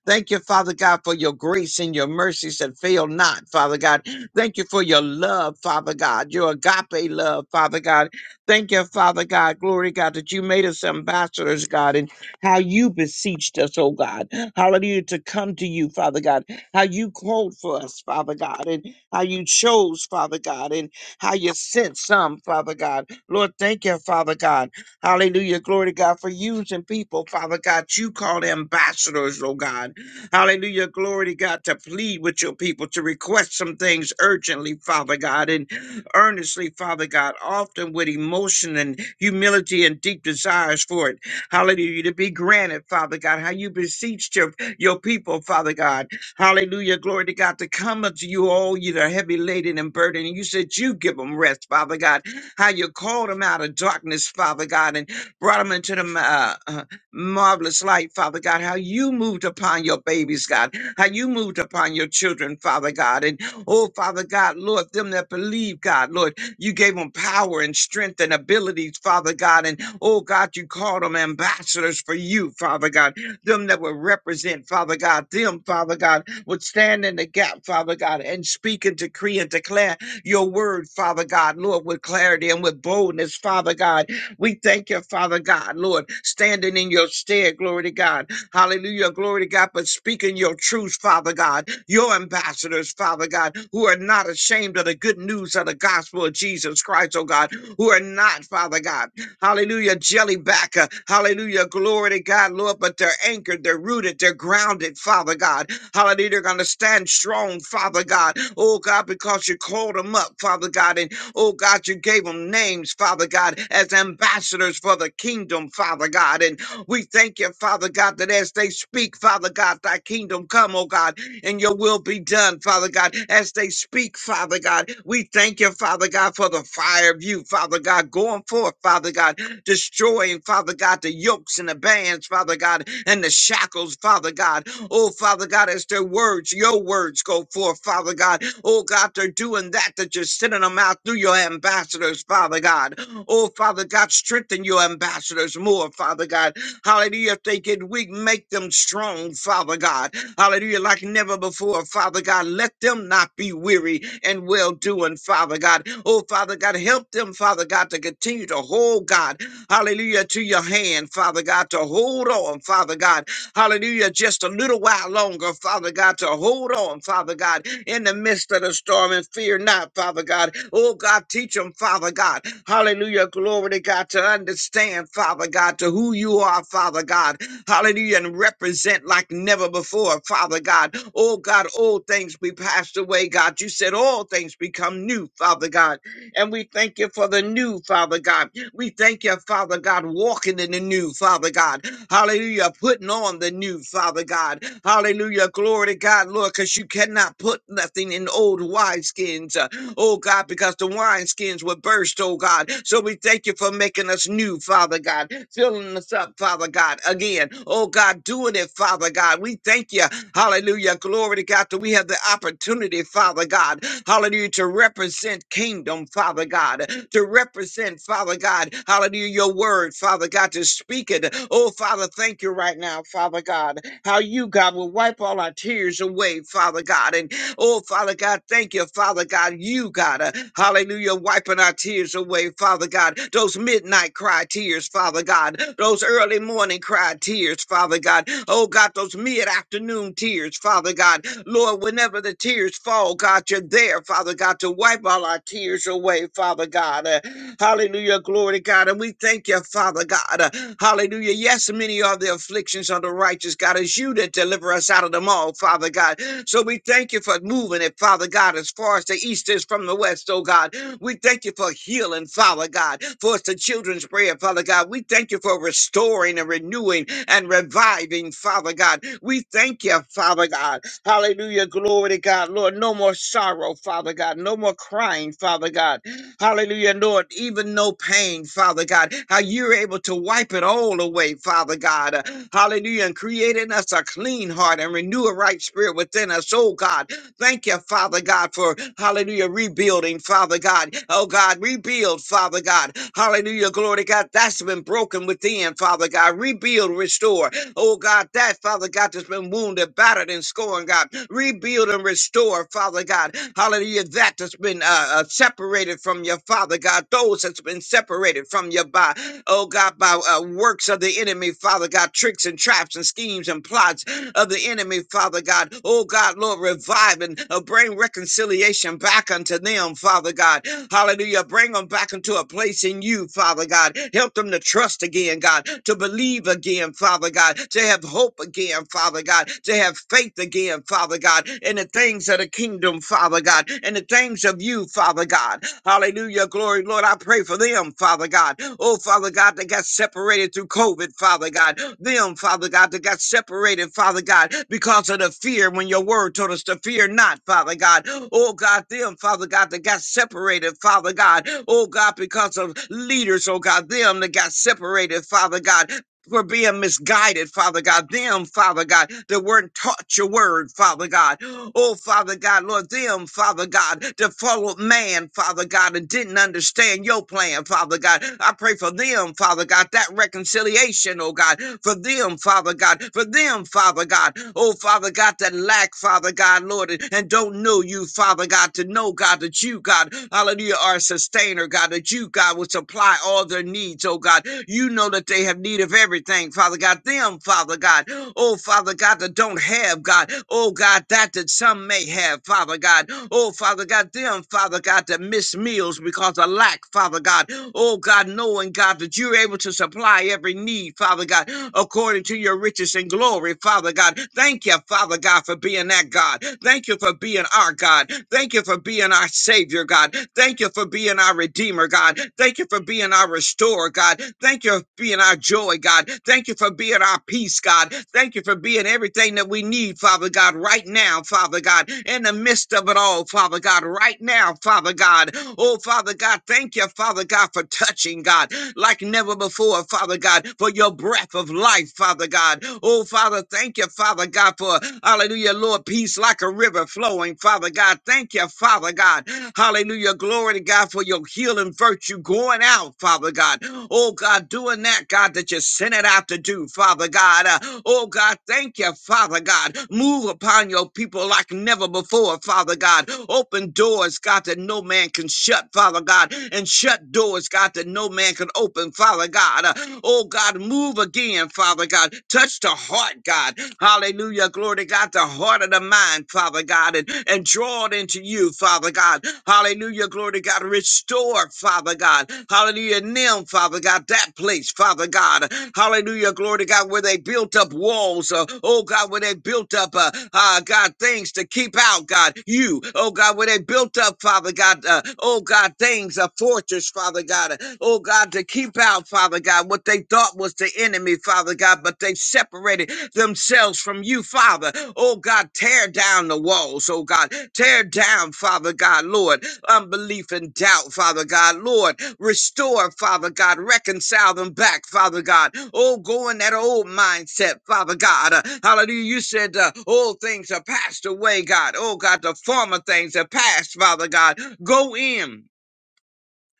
Thank you, Father God, for your grace and your mercies that fail not, Father God. Thank you for your love, Father God, your agape love, Father God. Thank you, Father God, glory God, that you made us ambassadors, God, and how you beseeched us, oh God. Hallelujah, to come to you, Father God. How you called for us, Father God, and how you chose, Father God, and how you sent some, Father God. Lord, thank you, Father God. Hallelujah, glory to God, for using people, Father God, you called ambassadors, oh God. Hallelujah. Glory to God to plead with your people, to request some things urgently, Father God, and earnestly, Father God, often with emotion and humility and deep desires for it. Hallelujah. To be granted, Father God, how you beseeched your, your people, Father God. Hallelujah. Glory to God to come unto you, all you that are heavy laden and burdened. And you said you give them rest, Father God. How you called them out of darkness, Father God, and brought them into the uh, uh, marvelous light, Father God, how you moved upon your babies, God, how you moved upon your children, Father God. And oh, Father God, Lord, them that believe, God, Lord, you gave them power and strength and abilities, Father God. And oh, God, you called them ambassadors for you, Father God. Them that will represent, Father God, them, Father God, would stand in the gap, Father God, and speak and decree and declare your word, Father God, Lord, with clarity and with boldness, Father God. We thank you, Father God, Lord, standing in your stead, glory to God. Hallelujah, glory to God, but speaking your truth, Father God. Your ambassadors, Father God, who are not ashamed of the good news of the gospel of Jesus Christ, oh God, who are not, Father God, hallelujah, jelly back, uh, hallelujah, glory to God, Lord, but they're anchored, they're rooted, they're grounded, Father God, hallelujah, they're going to stand strong, Father God, oh God, because you called them up, Father God, Oh God, you gave them names, Father God, as ambassadors for the kingdom, Father God. And we thank you, Father God, that as they speak, Father God, thy kingdom come, oh God, and your will be done, Father God, as they speak, Father God. We thank you, Father God, for the fire of you, Father God, going forth, Father God, destroying, Father God, the yokes and the bands, Father God, and the shackles, Father God. Oh, Father God, as their words, your words go forth, Father God. Oh, God, they're doing that, that you're sending them out through your ambassadors, Father God. Oh, Father God, strengthen your ambassadors more, Father God. Hallelujah. If they get weak, make them strong, Father God. Hallelujah. Like never before, Father God. Let them not be weary and well doing, Father God. Oh, Father God, help them, Father God, to continue to hold, God hallelujah, to your hand, Father God, to hold on, Father God, hallelujah, just a little while longer, Father God, to hold on, Father God, in the midst of the storm and fear not, Father God. Oh God, teach them, Father God, hallelujah, glory to God, to understand, Father God, to who you are, Father God, hallelujah, and represent like never before, Father God. Oh God, old things be passed away, God. You said all things become new, Father God. And we thank you for the new, Father God. We thank you, Father God, walking in the new, Father God. Hallelujah. Putting on the new, Father God. Hallelujah. Glory to God, Lord, because you cannot put nothing in old wineskins. Uh, oh God, because the wineskins were burst, oh God. So we thank you for making us new, Father God. Filling us up, Father God. God, again. Oh, God, doing it, Father God. We thank you. Hallelujah. Glory to God that we have the opportunity, Father God. Hallelujah. To represent kingdom, Father God. To represent, Father God. Hallelujah. Your word, Father God, to speak it. Oh, Father, thank you right now, Father God. How you, God, will wipe all our tears away, Father God. And Oh, Father God, thank you, Father God. You, God, uh, hallelujah, wiping our tears away, Father God. Those midnight cry tears, Father God. Those early morning cry tears, Father God. Oh, God, those mid afternoon tears, Father God. Lord, whenever the tears fall, God, you're there, Father God, to wipe all our tears away, Father God. Uh, hallelujah, glory, to God. And we thank you, Father God. Uh, Hallelujah. Yes, many are the afflictions of the righteous, God. It's you that deliver us out of them all, Father God. So we thank you for moving it, Father God, as far as the east is from the west, oh God. We thank you for healing, Father God. For it's the children's prayer, Father God. We thank you for restoring and renewing and reviving, Father God. We thank you, Father God. Hallelujah. Glory to God, Lord. No more sorrow, Father God. No more crying, Father God. Hallelujah, Lord. Even no pain, Father God. How you're able to wipe it all away, Father God. Uh, Hallelujah. And creating us a clean heart and renew a right spirit within us, oh God. Thank you, Father God, for hallelujah, rebuilding, Father God. Oh God, rebuild, Father God. Hallelujah, glory to God. That's been broken within, Father God. Rebuild, restore. Oh God, that Father God that's been wounded, battered, and scorned, God, rebuild and restore, Father God. Hallelujah, that that's been uh, uh, separated from your Father God, those that's been separated from your by, oh God, by uh, works of the enemy, Father God, tricks and traps and schemes and plots of the enemy, Father God. Oh God, Lord, revive and uh, bring reconciliation back unto them, Father God. Hallelujah. Bring them back into a place in you, Father God. Help them to trust again, God, to believe again, Father God, to have hope again, Father God, to have faith again, Father God, in the things of the kingdom, Father God, in the things of you, Father God. Hallelujah. Glory, Lord. I pray for them, Father God. Oh, Father God, that got separated through COVID, Father God. Them, Father God, that got separated, Father God, because of the fear when your word told us to fear not, Father God. Oh, God, them, Father God, that got separated, Father God. Oh, God, because of leaders, oh, God, them that got separated, Father God. For being misguided, Father God. Them, Father God, that weren't taught your word, Father God. Oh, Father God, Lord, them, Father God, that followed man, Father God, and didn't understand your plan, Father God. I pray for them, Father God, that reconciliation, oh God, for them, Father God, for them, Father God. Oh, Father God, that lack, Father God, Lord, and and don't know you, Father God, to know, God, that you, God, hallelujah, are a sustainer, God, that you, God, was would supply all their needs, oh God. You know that they have need of everything, Father God. Them, Father God, oh Father God, that don't have, God, oh God, that that some may have, Father God, oh Father God, them, Father God, that miss meals because of lack, Father God, oh God, knowing, God, that you're able to supply every need, Father God, according to your riches and glory, Father God. Thank you, Father God, for being that God. Thank you for being our God. Thank you for being our our Savior, God. Thank you for being our Redeemer, God. Thank you for being our Restorer, God. Thank you for being our joy, God. Thank you for being our peace, God. Thank you for being everything that we need, Father God, right now, Father God, in the midst of it all, Father God, right now, Father God. Oh, Father God, thank you, Father God, for touching, God, like never before, Father God, for your breath of life, Father God. Oh, Father, thank you, Father God, for hallelujah, Lord. Lord, peace like a river flowing. Father God, thank you, Father God. Hallelujah. Glory to God for your healing virtue going out, Father God. Oh God, doing that, God, that you sent it out to do, Father God. Uh, oh God, thank you, Father God. Move upon your people like never before, Father God. Open doors, God, that no man can shut, Father God, and shut doors, God, that no man can open, Father God. Uh, oh God, move again, Father God. Touch the heart, God. Hallelujah. Glory to God. The heart of the mind, Father God, and, and draw it into you, Father God. Hallelujah. Glory to God. Restore, Father God. Hallelujah. Nim, Father God, that place, Father God. Hallelujah. Glory to God, where they built up walls. Uh, oh, God, where they built up, uh, uh, God, things to keep out, God. You, oh, God, where they built up, Father God. Uh, oh, God, things, a fortress, Father God. uh, oh, God, to keep out about, Father God, what they thought was the enemy, Father God, but they separated themselves from you, Father. Oh God, tear down the walls, oh God. Tear down, Father God, Lord, unbelief and doubt, Father God, Lord. Restore, Father God, reconcile them back, Father God. Oh, go in that old mindset, Father God. Uh, hallelujah. You said uh, old things are passed away, God. Oh God, the former things are past, Father God. Go in.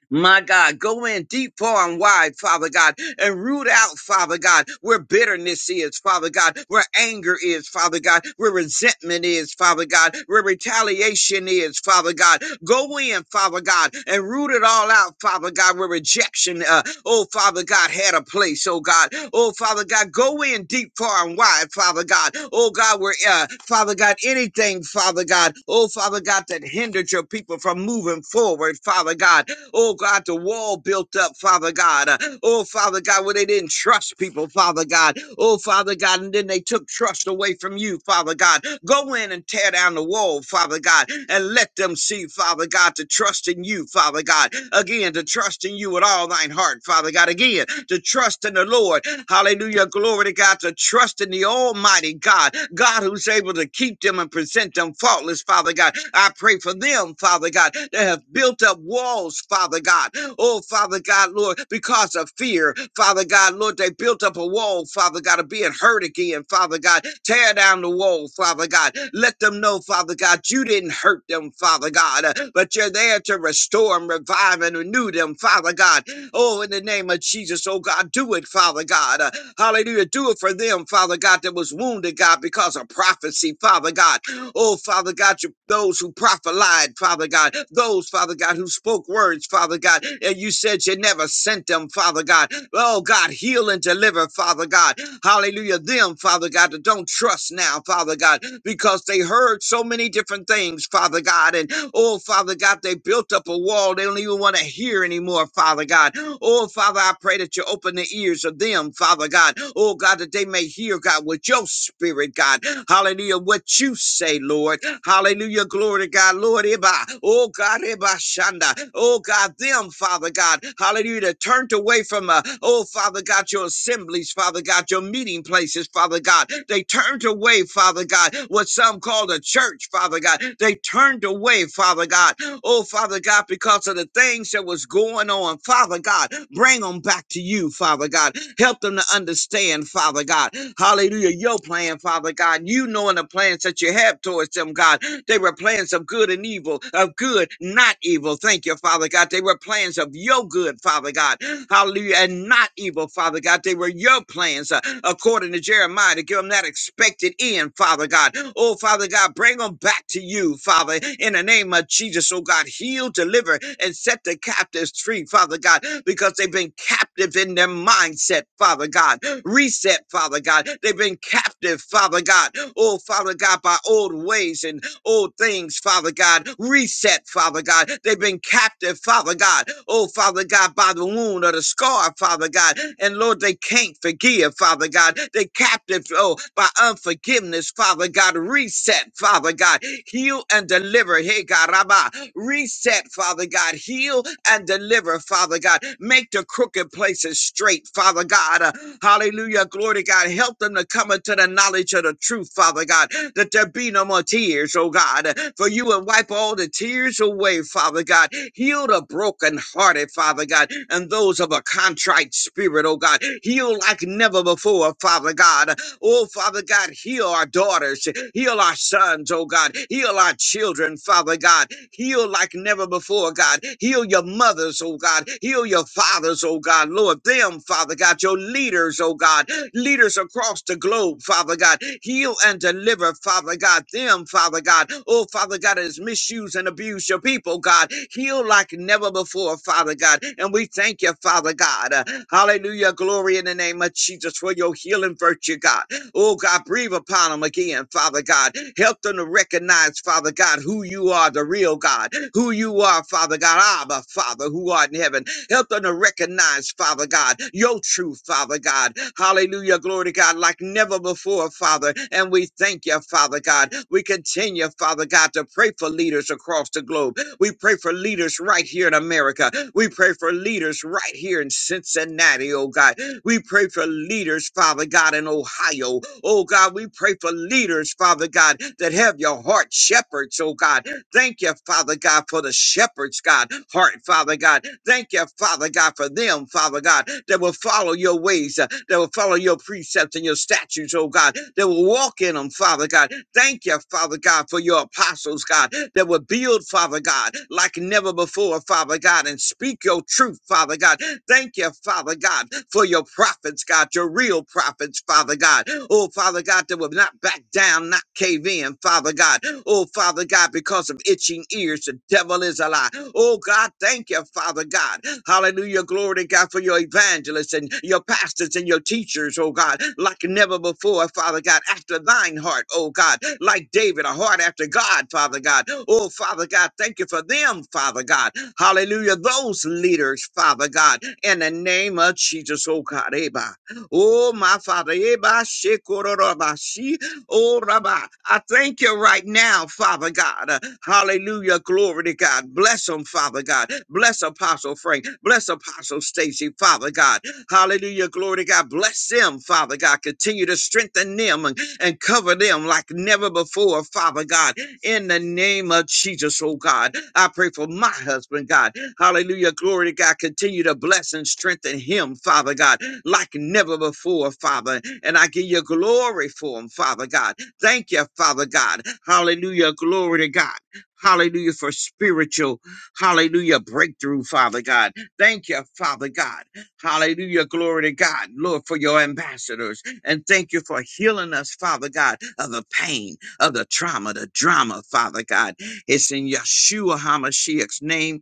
My God, go in deep, far, and wide, Father God, and root out, Father God, where bitterness is, Father God, where anger is, Father God, where resentment is, Father God, where retaliation is, Father God. Go in, Father God, and root it all out, Father God, where rejection, uh, oh, Father God, had a place, oh God. Oh, Father God, go in deep, far, and wide, Father God. Oh, God, where, uh, Father God, anything, Father God, oh, Father God, that hindered your people from moving forward, Father God. Oh God, the wall built up, Father God. Uh, Oh Father God, where they didn't trust people, Father God. Oh Father God, and then they took trust away from you, Father God. Go in and tear down the wall, Father God, and let them see, Father God, to trust in you, Father God. Again, to trust in you with all thine heart, Father God. Again, to trust in the Lord. Hallelujah. Glory to God. To trust in the Almighty God. God God, who's able to keep them and present them faultless, Father God. I pray for them, Father God, that have built up walls, Father God. Oh, Father God, Lord, because of fear, Father God, Lord, they built up a wall, Father God, of being hurt again, Father God. Tear down the wall, Father God. Let them know, Father God, you didn't hurt them, Father God, uh, but you're there to restore and revive and renew them, Father God. Oh, in the name of Jesus, oh God, do it, Father God. Uh, hallelujah. Do it for them, Father God, that was wounded, God, because of prophecy, Father God. Oh, Father God, you, those who prophelied, Father God, those, Father God, who spoke words, Father God, and you said you never sent them, Father God. Oh, God, heal and deliver, Father God. Hallelujah. Them, Father God, that don't trust now, Father God, because they heard so many different things, Father God. And oh, Father God, they built up a wall. They don't even want to hear anymore, Father God. Oh, Father, I pray that you open the ears of them, Father God. Oh, God, that they may hear, God, with your spirit, God. Hallelujah. What you say, Lord. Hallelujah. Glory to God. Lord, Eba. Oh, God, Eba Shanda. Oh, God, them, Father God. Hallelujah. That turned away from, uh, oh, Father God, your assemblies, Father God, your meeting places, Father God. They turned away, Father God, what some call the church, Father God. They turned away, Father God. Oh, Father God, because of the things that was going on, Father God. bring them come back to you, Father God. Help them to understand, Father God. Hallelujah. Your plan, Father God. You knowing the plans that you have towards them, God. They were plans of good and evil, of good, not evil. Thank you, Father God. They were plans of your good, Father God. Hallelujah. And not evil, Father God. They were your plans, uh, according to Jeremiah, to give them that expected end, Father God. Oh, Father God, bring them back to you, Father, in the name of Jesus. Oh, God, heal, deliver deliver and set the captives free, Father God, because they've been captive in their mindset, Father God. Reset, Father God. They've been captive, Father God. Oh, Father God, by old ways and old things, Father God. Reset, Father God. They've been captive, Father God. Oh, Father God, by the wound or the scar, Father God. And Lord, they can't forgive, Father God. They captive, oh, by unforgiveness, Father God. Reset, Father Father God. Heal and deliver. Hey, God, Rabbah. Reset, Father God. Heal and deliver, Father God. Make the crooked places straight, Father God. Uh, hallelujah. Glory to God. Help them to come into the knowledge of the truth, Father God, that there be no more tears, oh God. Uh, For you will wipe all the tears away, Father God. Heal the brokenhearted, Father God, and those of a contrite spirit, oh God. Heal like never before, Father God. Oh, Father God, heal our daughters, heal our sons, oh God, heal our children, Father God, heal like never before, God, heal your mothers, oh God, heal your fathers, oh God, Lord, them, Father God, your leaders, oh God, leaders across the globe, Father God, heal and deliver, Father God, them, Father God, oh, Father God, has misuse and abuse your people, God, heal like never before, Father God, and we thank you, Father God, hallelujah, glory in the name of Jesus for your healing virtue, God. Oh God, breathe upon them again, Father God. Help them to recognize, Father God, who you are, the real God, who you are, Father God, Abba, Father, who art in heaven. Help them to recognize, Father God, your truth, Father God. Hallelujah, glory to God, like never before, Father. And we thank you, Father God. We continue, Father God, to pray for leaders across the globe. We pray for leaders right here in America. We pray for leaders right here in Cincinnati, oh God. We pray for leaders, Father God, in Ohio. Oh God, we pray for leaders, Father God, that have your heart shepherds, oh God. Thank you, Father God, for the shepherds, God, heart, Father God. Thank you, Father God, for them, Father God, that will follow your ways, uh, that will follow your precepts and your statutes, oh God, that will walk in them, Father God. Thank you, Father God, for your apostles, God, that will build, Father God, like never before, Father God, and speak your truth, Father God. Thank you, Father God, for your prophets, God, your real prophets, Father God. Oh, Father God, that will not back down, not cave in, Father God. Oh, Father God, because of itching ears, the devil is a lie. Oh, God, thank you, Father God. Hallelujah. Glory to God for your evangelist evangelists and your pastors and your teachers, oh God, like never before, Father God, after thine heart, oh God, like David, a heart after God, Father God. Oh, Father God, thank you for them, Father God. Hallelujah. Those leaders, Father God, in the name of Jesus, oh God, Eba. Oh, my Father, Eba, Shekororoba, She, Oh, Rabbi, I thank you right now, Father God. Uh, Hallelujah. Glory to God. Bless them, Father God. Bless Apostle Frank. Bless Apostle Stacy, Father God. Hallelujah. Glory to God. Bless them, Father God. Continue to strengthen them and, and cover them like never before, Father God. In the name of Jesus, oh God. I pray for my husband, God. Hallelujah. Glory to God. Continue to bless and strengthen him, Father God, like never before, Father. And I give you glory for him, Father God. Thank you, Father God. Hallelujah. Glory to God. Hallelujah for spiritual, hallelujah, breakthrough, Father God. Thank you, Father God. Hallelujah. Glory to God. Lord, for your ambassadors. And thank you for healing us, Father God, of the pain, of the trauma, the drama, Father God. It's in Yeshua HaMashiach's name.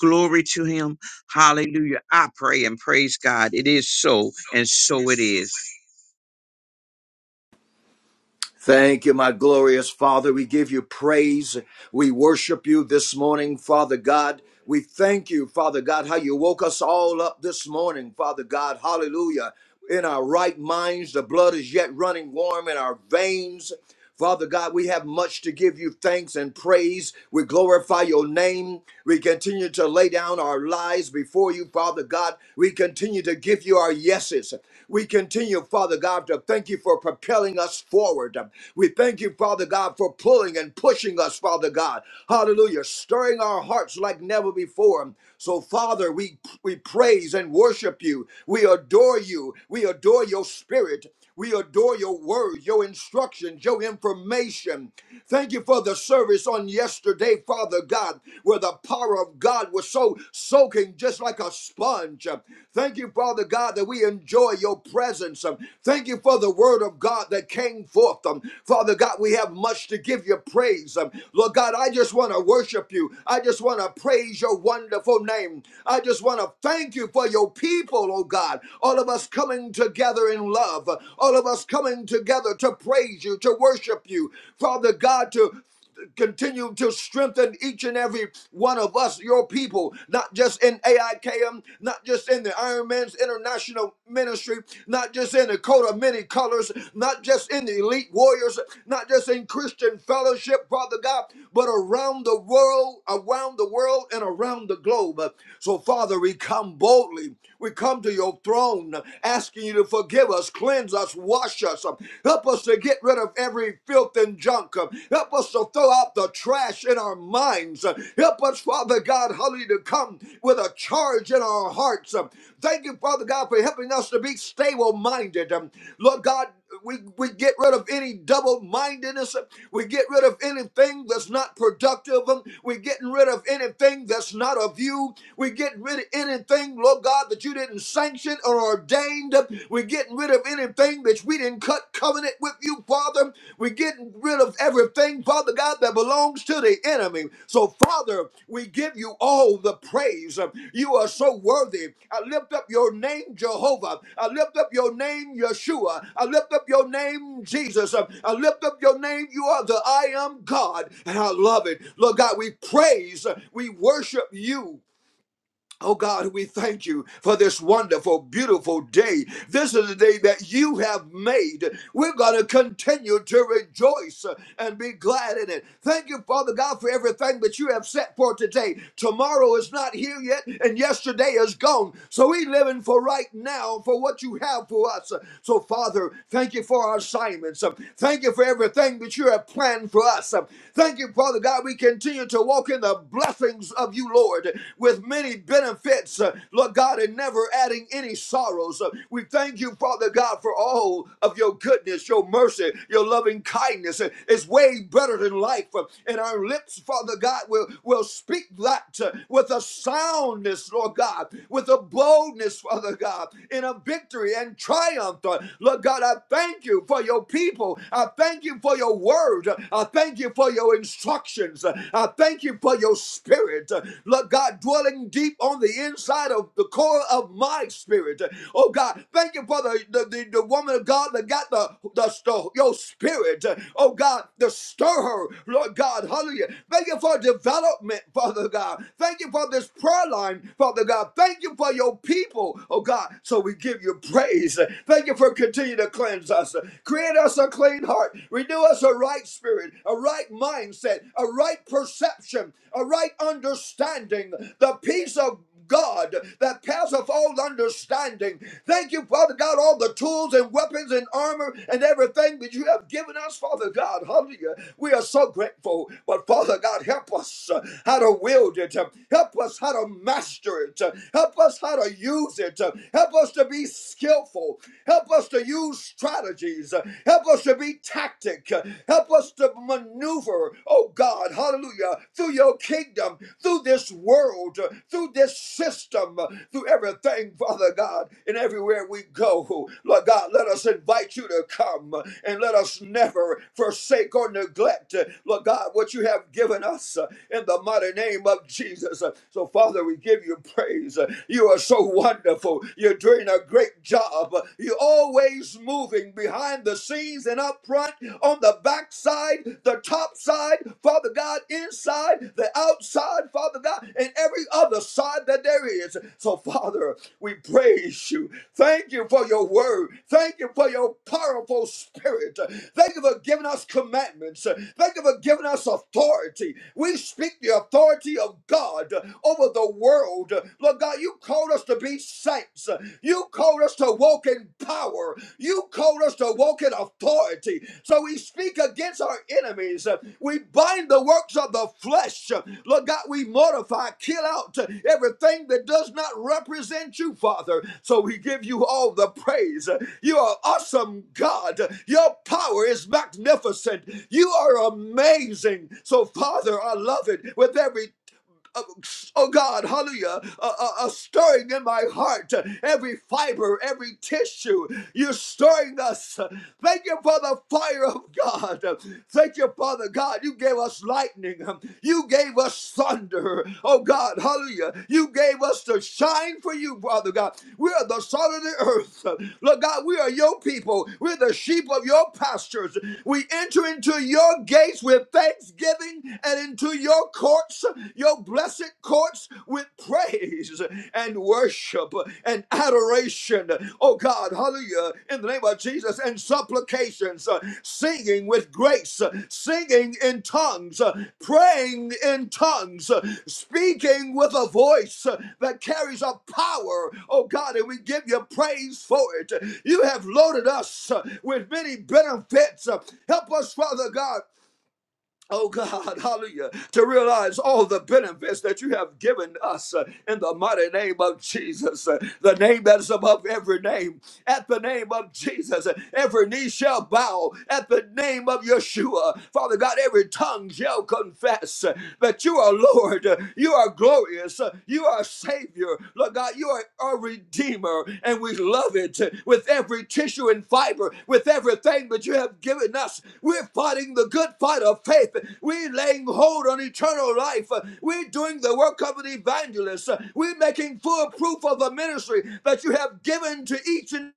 Glory to him. Hallelujah. I pray and praise God. It is so, and so it is. Thank you, my glorious Father. We give you praise. We worship you this morning, Father God. We thank you, Father God, how you woke us all up this morning, Father God. Hallelujah. In our right minds, the blood is yet running warm in our veins. Father God, we have much to give you thanks and praise. We glorify your name. We continue to lay down our lives before you, Father God. We continue to give you our yeses. We continue, Father God, to thank you for propelling us forward. We thank you, Father God, for pulling and pushing us, Father God. Hallelujah. Stirring our hearts like never before. So, Father, we, we praise and worship you. We adore you. We adore your spirit. We adore your your word, your instructions, your information. Thank you for the service on yesterday, Father God, where the power of God was so soaking just like a sponge. Thank you, Father God, that we enjoy your presence. Thank you for the word of God that came forth. Um, Father God, we have much to give you praise. Um, Lord God, I just want to worship you. I just want to praise your wonderful name. I just want to thank you for your people, oh God. All of us coming together in together in love. All of us coming together to praise you, to worship you. Father God, to continue to strengthen each and every one of us, your people, not just in AIKM, not just in the Iron Man's International Ministry, not just in the coat of many colors, not just in the elite warriors, not just in Christian fellowship, Father God, but around the world, around the world, and around the globe. So, Father, we come boldly. We come to your throne, asking you to forgive us, cleanse us, wash us. Help us to get rid of every filth and junk. Help us to throw out the trash in our minds. Help us, Father God, hallelujah, to come with a charge in our hearts. Thank you, Father God, for helping us to be stable minded. Lord God, we, we get rid of any double mindedness. We get rid of anything that's not productive. We're getting rid of anything that's not of you. We're getting rid of anything, Lord God, that you didn't sanction or ordained. We're getting rid of anything that we didn't cut covenant with you, Father. We're getting rid of everything, Father God. God, that belongs to the enemy. So, Father, we give you all the praise. You are so worthy. I lift up your name, Jehovah. I lift up your name, Yeshua. I lift up your name, Jesus. I lift up your name. You are the I am God, and I love it. Lord God, we praise, we worship you. Oh God, we thank you for this wonderful, beautiful day. This is the day that you have made. We're going to continue to rejoice and be glad in it. Thank you, Father God, for everything that you have set for today. Tomorrow is not here yet, and yesterday is gone. So we're living for right now for what you have for us. So, Father, thank you for our assignments. Thank you for everything that you have planned for us. Thank you, Father God. We continue to walk in the blessings of you, Lord. Lord, with many benefits, uh, Lord God, and never adding any sorrows. Uh, We thank you, Father God, for all of your goodness, your mercy, your loving kindness. Uh, It's way better than life. Uh, And our lips, Father God, will, will speak that uh, with a soundness, Lord God, with a boldness, Father God, in a victory and triumph. Uh, Lord God, I thank you for your people. I thank you for your word. I thank you for your instructions. I thank you for for your spirit, uh, Lord God, dwelling deep on the inside of the core of my spirit. Oh God, thank you for the, the, the, the woman of God that got the, the, the your spirit. Oh God, to stir her, Lord God, hallelujah. Thank you for development, Father God. Thank you for this prayer line, Father God. Thank you for your people, oh God. So we give you praise. Thank you for continuing to cleanse us. Create us a clean heart. Renew us a right spirit, a right mindset, a right perception, a right understanding, the peace of God that passeth all understanding. Thank you, Father God, all the tools and weapons and armor and everything that you have given us, Father God. Hallelujah. We are so grateful. But Father God, help us uh, how to wield it. uh, Help us how to master it. uh, Help us how to use it. uh, Help us to be skillful. Help us to use strategies. uh, Help us to be tactic. uh, Help us to maneuver, oh God, hallelujah, through your kingdom, through this world, through this system, through everything, Father God, and everywhere we go. Lord God, let us invite you to come and let us never forsake or neglect, Lord God, what you have given us in the mighty name of Jesus. So, Father, we give you praise. You are so wonderful. You're doing a great job. You're always moving behind the scenes and up front on the backside, the top side, Father God, inside, the outside, Father God, and every other side that there is. So, Father, we praise you. Thank you for your word. Thank you for your powerful spirit. Thank you for giving us commandments. Thank you for giving us authority. We speak the authority of God over the world. Lord God, you called us to be saints. You called us to walk in power. You called us to walk in authority. So we speak against our enemies. We bind the works of the flesh. Lord God, we mortify, kill out everything that does not represent you, Father. So we give you all the praise. You are awesome, God. Your power is magnificent. You are amazing. So, Father, I love it with every uh, oh God, hallelujah, a, a, a stirring in my heart, every fiber, every tissue, you're stirring us. Thank you for the fire of God. Thank you, Father God, you gave us lightning, you gave us thunder, oh God, hallelujah, you gave us to shine for you, Father God. We are the salt of the earth. Lord God, we are your people, we're the sheep of your pastures. We enter into your gates with thanksgiving and get into your courts, your blessed courts, with praise and worship and adoration. Oh God, hallelujah, in the name of Jesus, and supplications, uh, singing with grace, uh, singing in tongues, uh, praying in tongues, uh, speaking with a voice uh, that carries a power. Oh God, and we give you praise for it. You have loaded us uh, with many benefits. Help us, Father God. Oh God, hallelujah, to realize all the benefits that you have given us uh, in the mighty name of Jesus, uh, the name that is above every name. At the name of Jesus, uh, every knee shall bow. At the name of Yeshua, Father God, every tongue shall confess uh, that you are Lord, uh, you are glorious, uh, you are a savior. Lord God, you are a redeemer, and we love it with every tissue and fiber, with everything that you have given us. We're fighting the good fight of faith. We're laying hold on eternal life. We're doing the work of an evangelist. We're making full proof of the ministry that you have given to each and